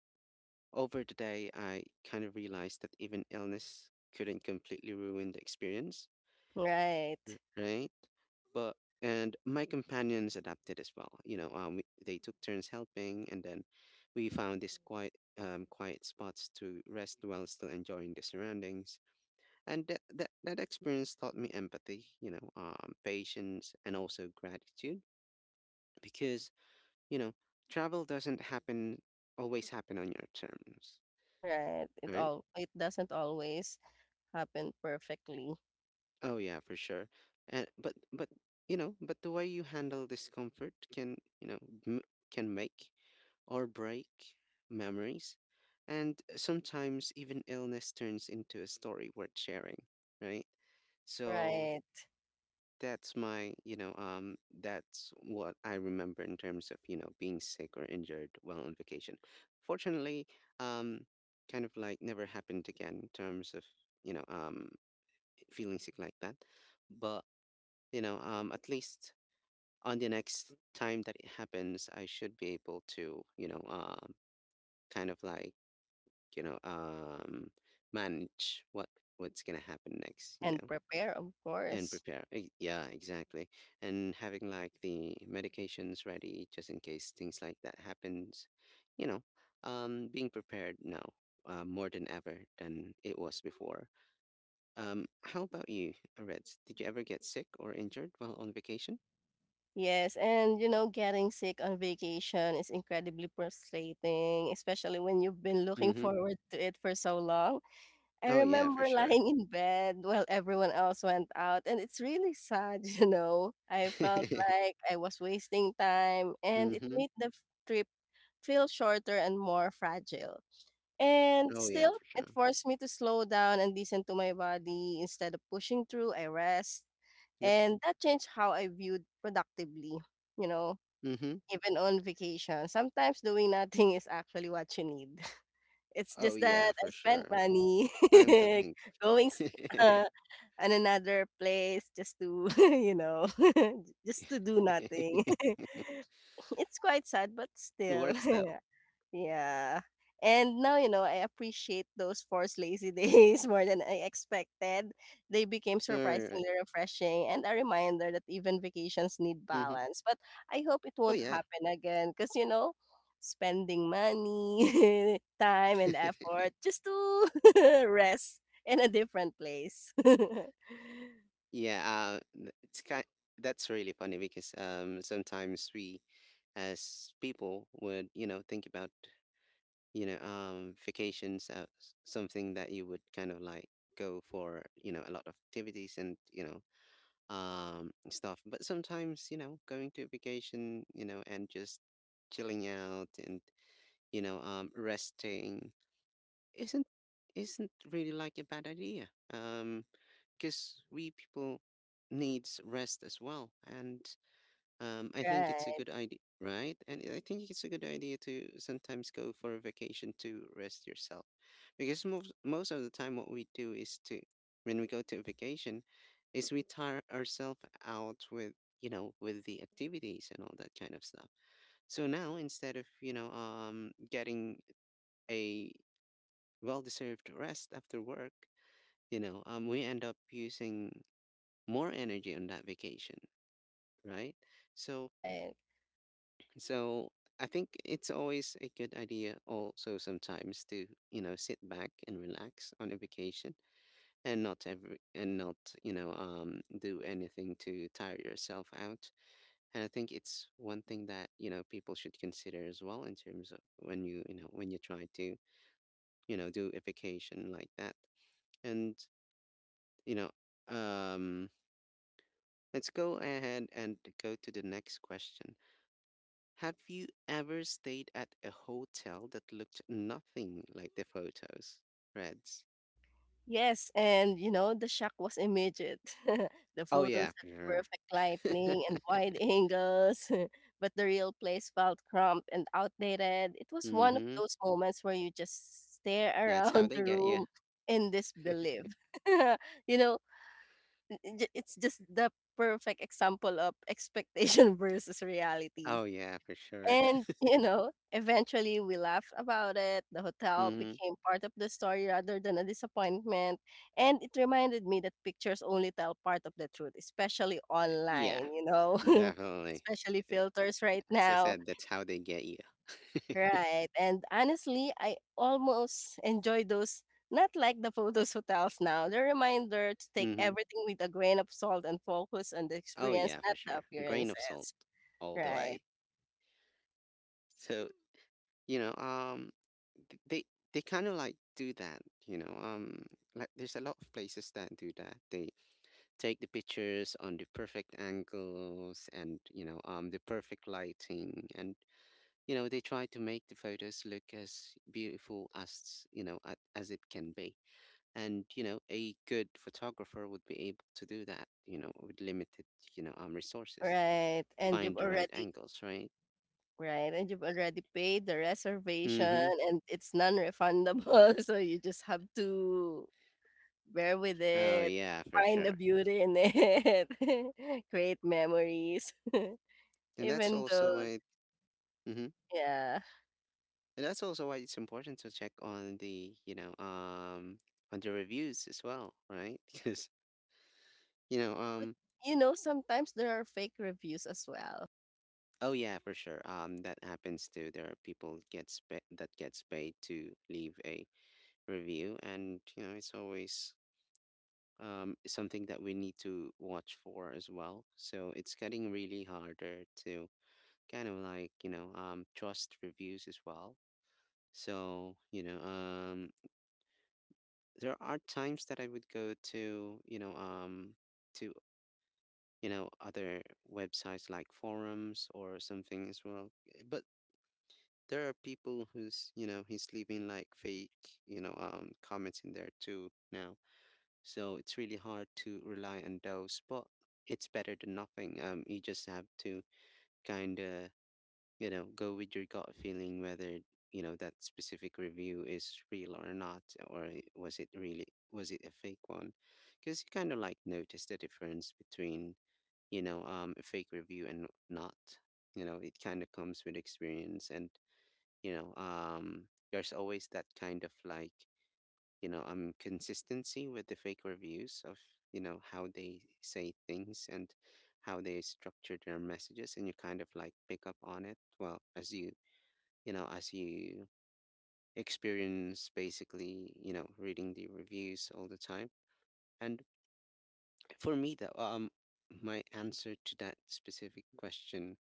A: over the day, I kind of realized that even illness couldn't completely ruin the experience,
B: Right.
A: right? But and my companions adapted as well. They took turns helping, and then we found these quiet, quiet spots to rest while still enjoying the surroundings. And that experience taught me empathy, patience, and also gratitude, because you know, travel doesn't happen always happen on your terms,
B: Right. It
A: right?
B: all it doesn't always happen perfectly.
A: Oh yeah, for sure. And but but the way you handle discomfort can, m- can make or break memories, and sometimes even illness turns into a story worth sharing, right? So
B: Right.
A: that's my, you know, that's what I remember in terms of, you know, being sick or injured while on vacation. Fortunately, um, kind of like never happened again in terms of, you know, um, feeling sick like that. But, at least on the next time that it happens, I should be able to, kind of like, you know, um, manage what's gonna happen next, you
B: And
A: know,
B: prepare, of
A: and
B: course.
A: prepare. Yeah, exactly. And having like the medications ready just in case things like that happens, you know, being prepared now, more than ever than it was before. How about you, Reds? Did you ever get sick or injured while on vacation?
B: Yes, and you know, getting sick on vacation is incredibly frustrating, especially when you've been looking
A: Mm-hmm.
B: forward to it for so long. I
A: Oh yeah, for
B: remember <laughs>
A: sure.
B: lying in bed while everyone else went out, and it's really sad, <laughs> you know. I felt like
A: <laughs>
B: I was wasting time, and it
A: Mm-hmm.
B: made the trip feel shorter and more fragile. And
A: Oh yeah,
B: still,
A: for
B: it
A: sure.
B: forced me to slow down and listen to my body. Instead of pushing through, I rest.
A: Yep.
B: And that changed how I viewed productively, you know,
A: Mm-hmm.
B: even on vacation. Sometimes doing <laughs> nothing is actually what you need. It's
A: Oh
B: just that
A: yeah,
B: I
A: for
B: spent
A: sure.
B: money
A: Time to
B: <laughs>
A: think.
B: going s
A: <laughs>
B: uh, on another place just to, <laughs> you know, <laughs> just to do nothing. <laughs> It's quite sad, but
A: It
B: still.
A: works
B: <laughs>
A: though.
B: Yeah. And now, you know, I appreciate those forced lazy days <laughs> more than I expected. They became
A: Alright.
B: surprisingly refreshing and a reminder that even vacations need
A: Mhm.
B: balance. But I hope it
A: Oh
B: won't
A: yeah.
B: happen again because, you know, spending money, <laughs> time, and
A: <laughs>
B: effort just to <laughs> rest in a different place. <laughs>
A: Yeah, it's kind that's really funny because, sometimes we, as people, would, you know, think about, vacations as something that you would kind of like go for, you know, a lot of activities and, stuff. But sometimes, you know, going to a vacation, you know, and just chilling out and, resting isn't isn't really like a bad idea, because we people needs rest as well. And I think it's a
B: Right,
A: good idea, right? And I think it's a good idea to sometimes go for a vacation to rest yourself, because most of the time what we do is to when we go to a vacation is we tire ourselves out with, you know, with the activities and all that kind of stuff. So now, instead of, getting a well deserved rest after work, we end up using more energy on that vacation, right? So,
B: right.
A: so I think it's always a good idea also sometimes to, you know, sit back and relax on a vacation and not, do anything to tire yourself out. And I think it's one thing that, you know, people should consider as well in terms of when you know, when you try to, you know, do a vacation like that. And you know, um, let's go ahead and go to the next question. Have you ever stayed at a hotel that looked nothing like the photos? Reds.
B: Yes, and you know, the shock was immediate. <laughs> The
A: Oh,
B: photos
A: yeah,
B: had
A: for
B: perfect
A: sure.
B: lighting
A: <laughs>
B: and wide angles, <laughs> but the real place felt cramped and outdated. It was one of
A: Mm-hmm.
B: those moments where you just stare <laughs>
A: That's how
B: around
A: they
B: the
A: get you.
B: room in disbelief. <laughs> You know, it's just the perfect example of expectation <laughs> versus reality.
A: Oh yeah, for sure.
B: And, <laughs> you know, eventually we laughed about it. The
A: <laughs>
B: hotel
A: Mm-hmm.
B: became part of the story rather than a disappointment. And it reminded me that pictures only tell part of the truth, especially
A: Yeah,
B: online, you know, <laughs>
A: definitely.
B: especially filters right
A: As I
B: now.
A: said, that's how they get you.
B: Right. And honestly, I almost enjoy those. Not like the photos <laughs> hotels now. The reminder to take
A: Mm-hmm.
B: everything with a grain of salt and focus on the
A: Oh
B: experience,
A: yeah, for
B: not the
A: sure. Grain of salt
B: appearances.
A: all the
B: Right,
A: way. So, You know, um, th- they they kind of like do that. Like there's a lot of places that do that. They take the pictures on the perfect angles and, the perfect lighting, and you know, they try to make the photos look as beautiful as, as it can be. And you know, a good photographer would be able to do that, you know, with limited, resources,
B: right. And you've
A: find the right
B: already
A: angles, right?
B: Right, and you've already paid the reservation
A: Mm-hmm.
B: and it's non-refundable, <laughs> so you just have to bear with
A: Oh
B: it,
A: yeah, for
B: find the
A: sure.
B: beauty in it, <laughs> create memories, <laughs>
A: And that's
B: even
A: also
B: though
A: why, mm-hmm,
B: yeah.
A: and that's also why it's important to check on the, on the reviews as well, right? <laughs> You know,
B: But
A: um,
B: you know, sometimes there are fake reviews as well.
A: oh yeah, for sure. That happens too. There are that gets paid to leave a review, and you know, it's always, something that we need to watch for as well. So it's getting really harder to kind of like, trust reviews as well. So, there are times that I would go to, to, you know, other websites like forums or something as well. But there are people who's, you know, he's leaving like fake, comments in there too now. So it's really hard to rely on those, but it's better than nothing. You just have to kind of, go with your gut feeling whether, that specific review is real or not, was it really, was it a fake one, because you kind of like notice the difference between, a fake review and not. You know, it kind of comes with experience, and there's always that kind of like, consistency with the fake reviews of, you know, how they say things and how they structure their messages, and you kind of like pick up on it well as you, as you experience, basically, you know, reading the reviews all the time. And for me, though, my answer to that specific question,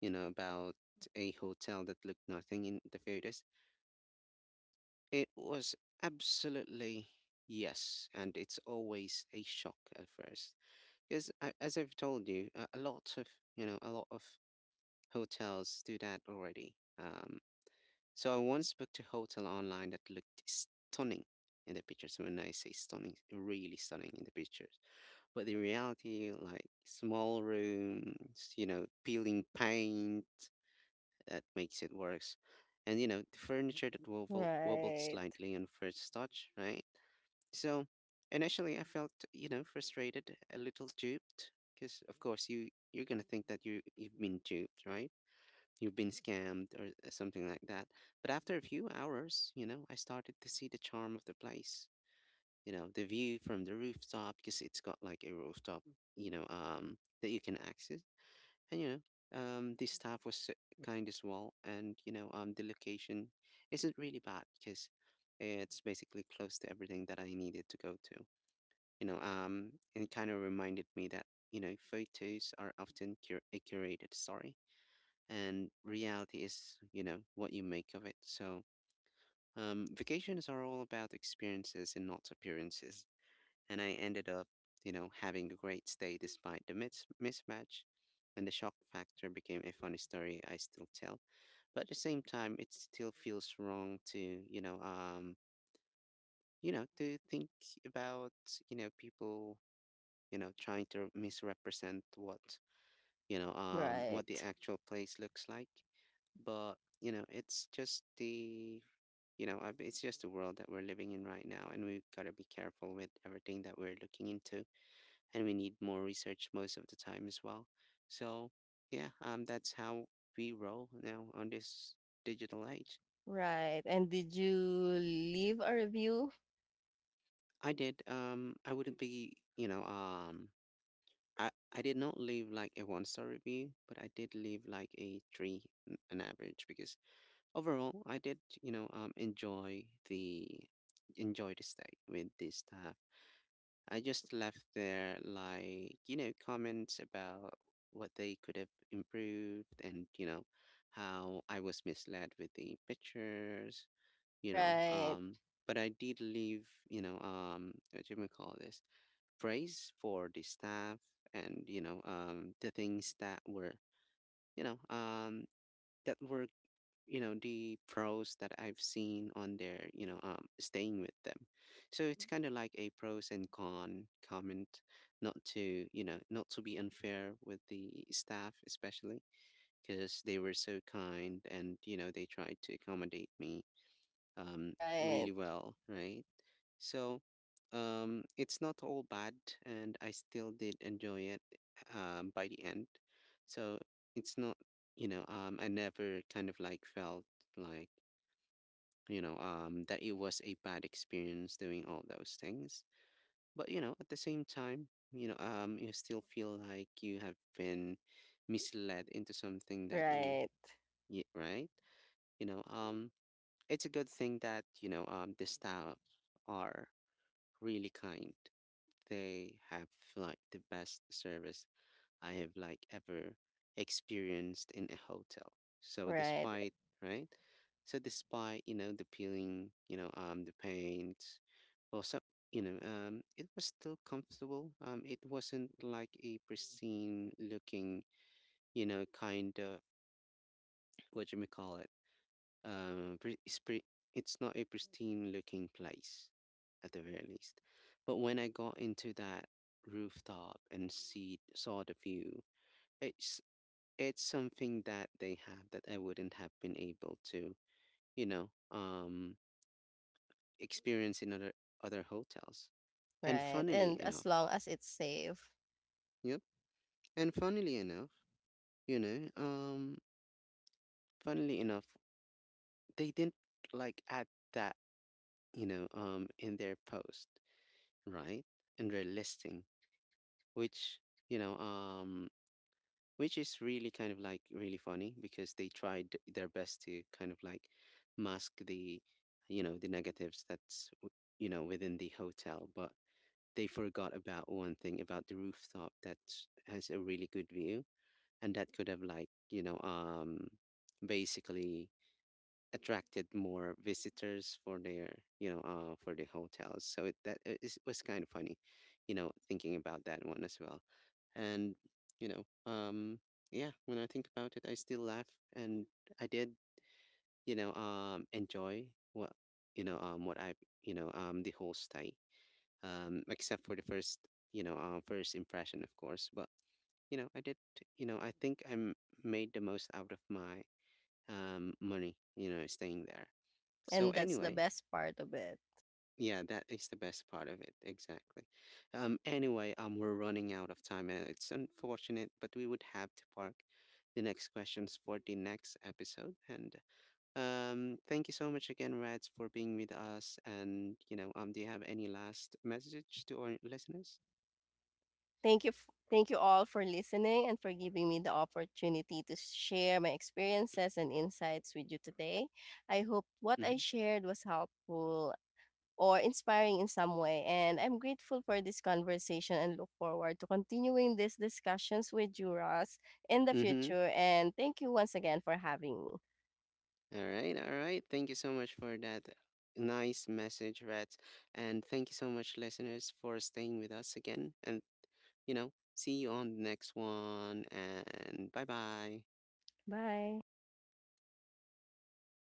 A: you know, about a hotel that looked nothing in the photos, it was absolutely yes. And it's always a shock at first, because as I've told you, a lot of, you know, a lot of hotels do that already. So I once booked a hotel online that looked stunning in the pictures. When I say stunning, really stunning in the pictures. But the reality, like small rooms, you know, peeling paint, that makes it worse. And you know, the wobbled
B: Right,
A: slightly on first touch, right? So initially, I felt, you know, frustrated, a little duped, because of course, you, you're gonna think that you you've been duped, right? You've been scammed or, something like that. But after a few hours, you know, I started to see the charm of the place. You know, the view from the rooftop, because it's got like a rooftop, that you can access. And the staff was so kind as well, and the location isn't really bad because it's basically close to everything that I needed to go to. And it kind of reminded me that, you know, photos are often a curated story, and reality is, you know, what you make of it. So vacations are all about experiences and not appearances, and I ended up, you know, having a great stay despite the mismatch, and the shock factor became a funny story I still tell. But at the same time, it still feels wrong to, to think about, people, trying to misrepresent what, what the
B: right,
A: actual place looks like. But, it's just the, it's just the world that we're living in right now. And we've got to be careful with everything that we're looking into. And we need more research most of the time as well. So, yeah, that's how we roll now on this digital age.
B: right. And did you leave a review?
A: I did, I wouldn't be, I did not leave like a one star review, but I did leave like a three, on average, because overall, I did, enjoy the stay with the staff. I just left there like, you know, comments about what they could have improved and, you know, how I was misled with the pictures, you know,
B: Right,
A: um, but I did leave, what do we call this? Praise for the staff and, the things that were, you know, um, that were you know, the pros that I've seen on there, staying with them. So it's kind of like a pros and con comment, not to, not to be unfair with the staff, especially because they were so kind and you know they tried to accommodate me, um,
B: right,
A: really well, right? So, it's not all bad, and I still did enjoy it, by the end. So it's not, you know, I never kind of like felt like, that it was a bad experience doing all those things. But, you know, at the same time, you still feel like you have been misled into something that
B: right,
A: you, right? You know, it's a good thing that, the staff are really kind. They have like the best service I have like ever experienced in a hotel. So
B: right,
A: despite, right? So despite, you know, the peeling, the paint or some, it was still comfortable. Um, it wasn't like a pristine looking, you know, kind of what you may call it. Um pre- it's, pre- it's not a pristine looking place, at the very least. But when I got into that rooftop and see saw the view, it's it's something that they have that I wouldn't have been able to, you know, um, experience in other hotels. And
B: right.
A: funnily
B: And as
A: enough,
B: long as it's safe.
A: yep. And funnily enough, you know, um, funnily enough, they didn't like add that, in their post, right? In their listing, which, you know, um, which is really kind of like really funny because they tried their best to kind of like mask the, the negatives you know, within the hotel, but they forgot about one thing about the rooftop, that has a really good view, and that could have like, basically attracted more visitors for their, for the hotels. So it, that it is- was kind of funny, you know, thinking about that one as well. And you know um yeah, when I think about it, I still laugh. And I did, enjoy what you know um what i the whole stay, except for the first, first impression, of course. But you know, I did, I think I m- made the most out of my, money, you know, staying there. So
B: And that's the
A: anyway,
B: best part of it.
A: yeah, that is the best part of it. Exactly. Anyway, we're running out of time, and it's unfortunate, but we would have to park the next questions for the next episode. And thank you so much again, Reds, for being with us. And do you have any last message to our listeners?
B: Thank you all for listening and for giving me the opportunity to share my experiences and insights with you today. I hope what I
A: Mm-hmm.
B: shared was helpful or inspiring in some way, and I'm grateful for this conversation and look forward to continuing these discussions with you Ross in the
A: Mm-hmm.
B: future, and thank you once again for having me.
A: All right, all right. Thank you so much for that nice message, Reds, and thank you so much, listeners, for staying with us again. And you know, see you on the next one, and bye bye.
B: Bye.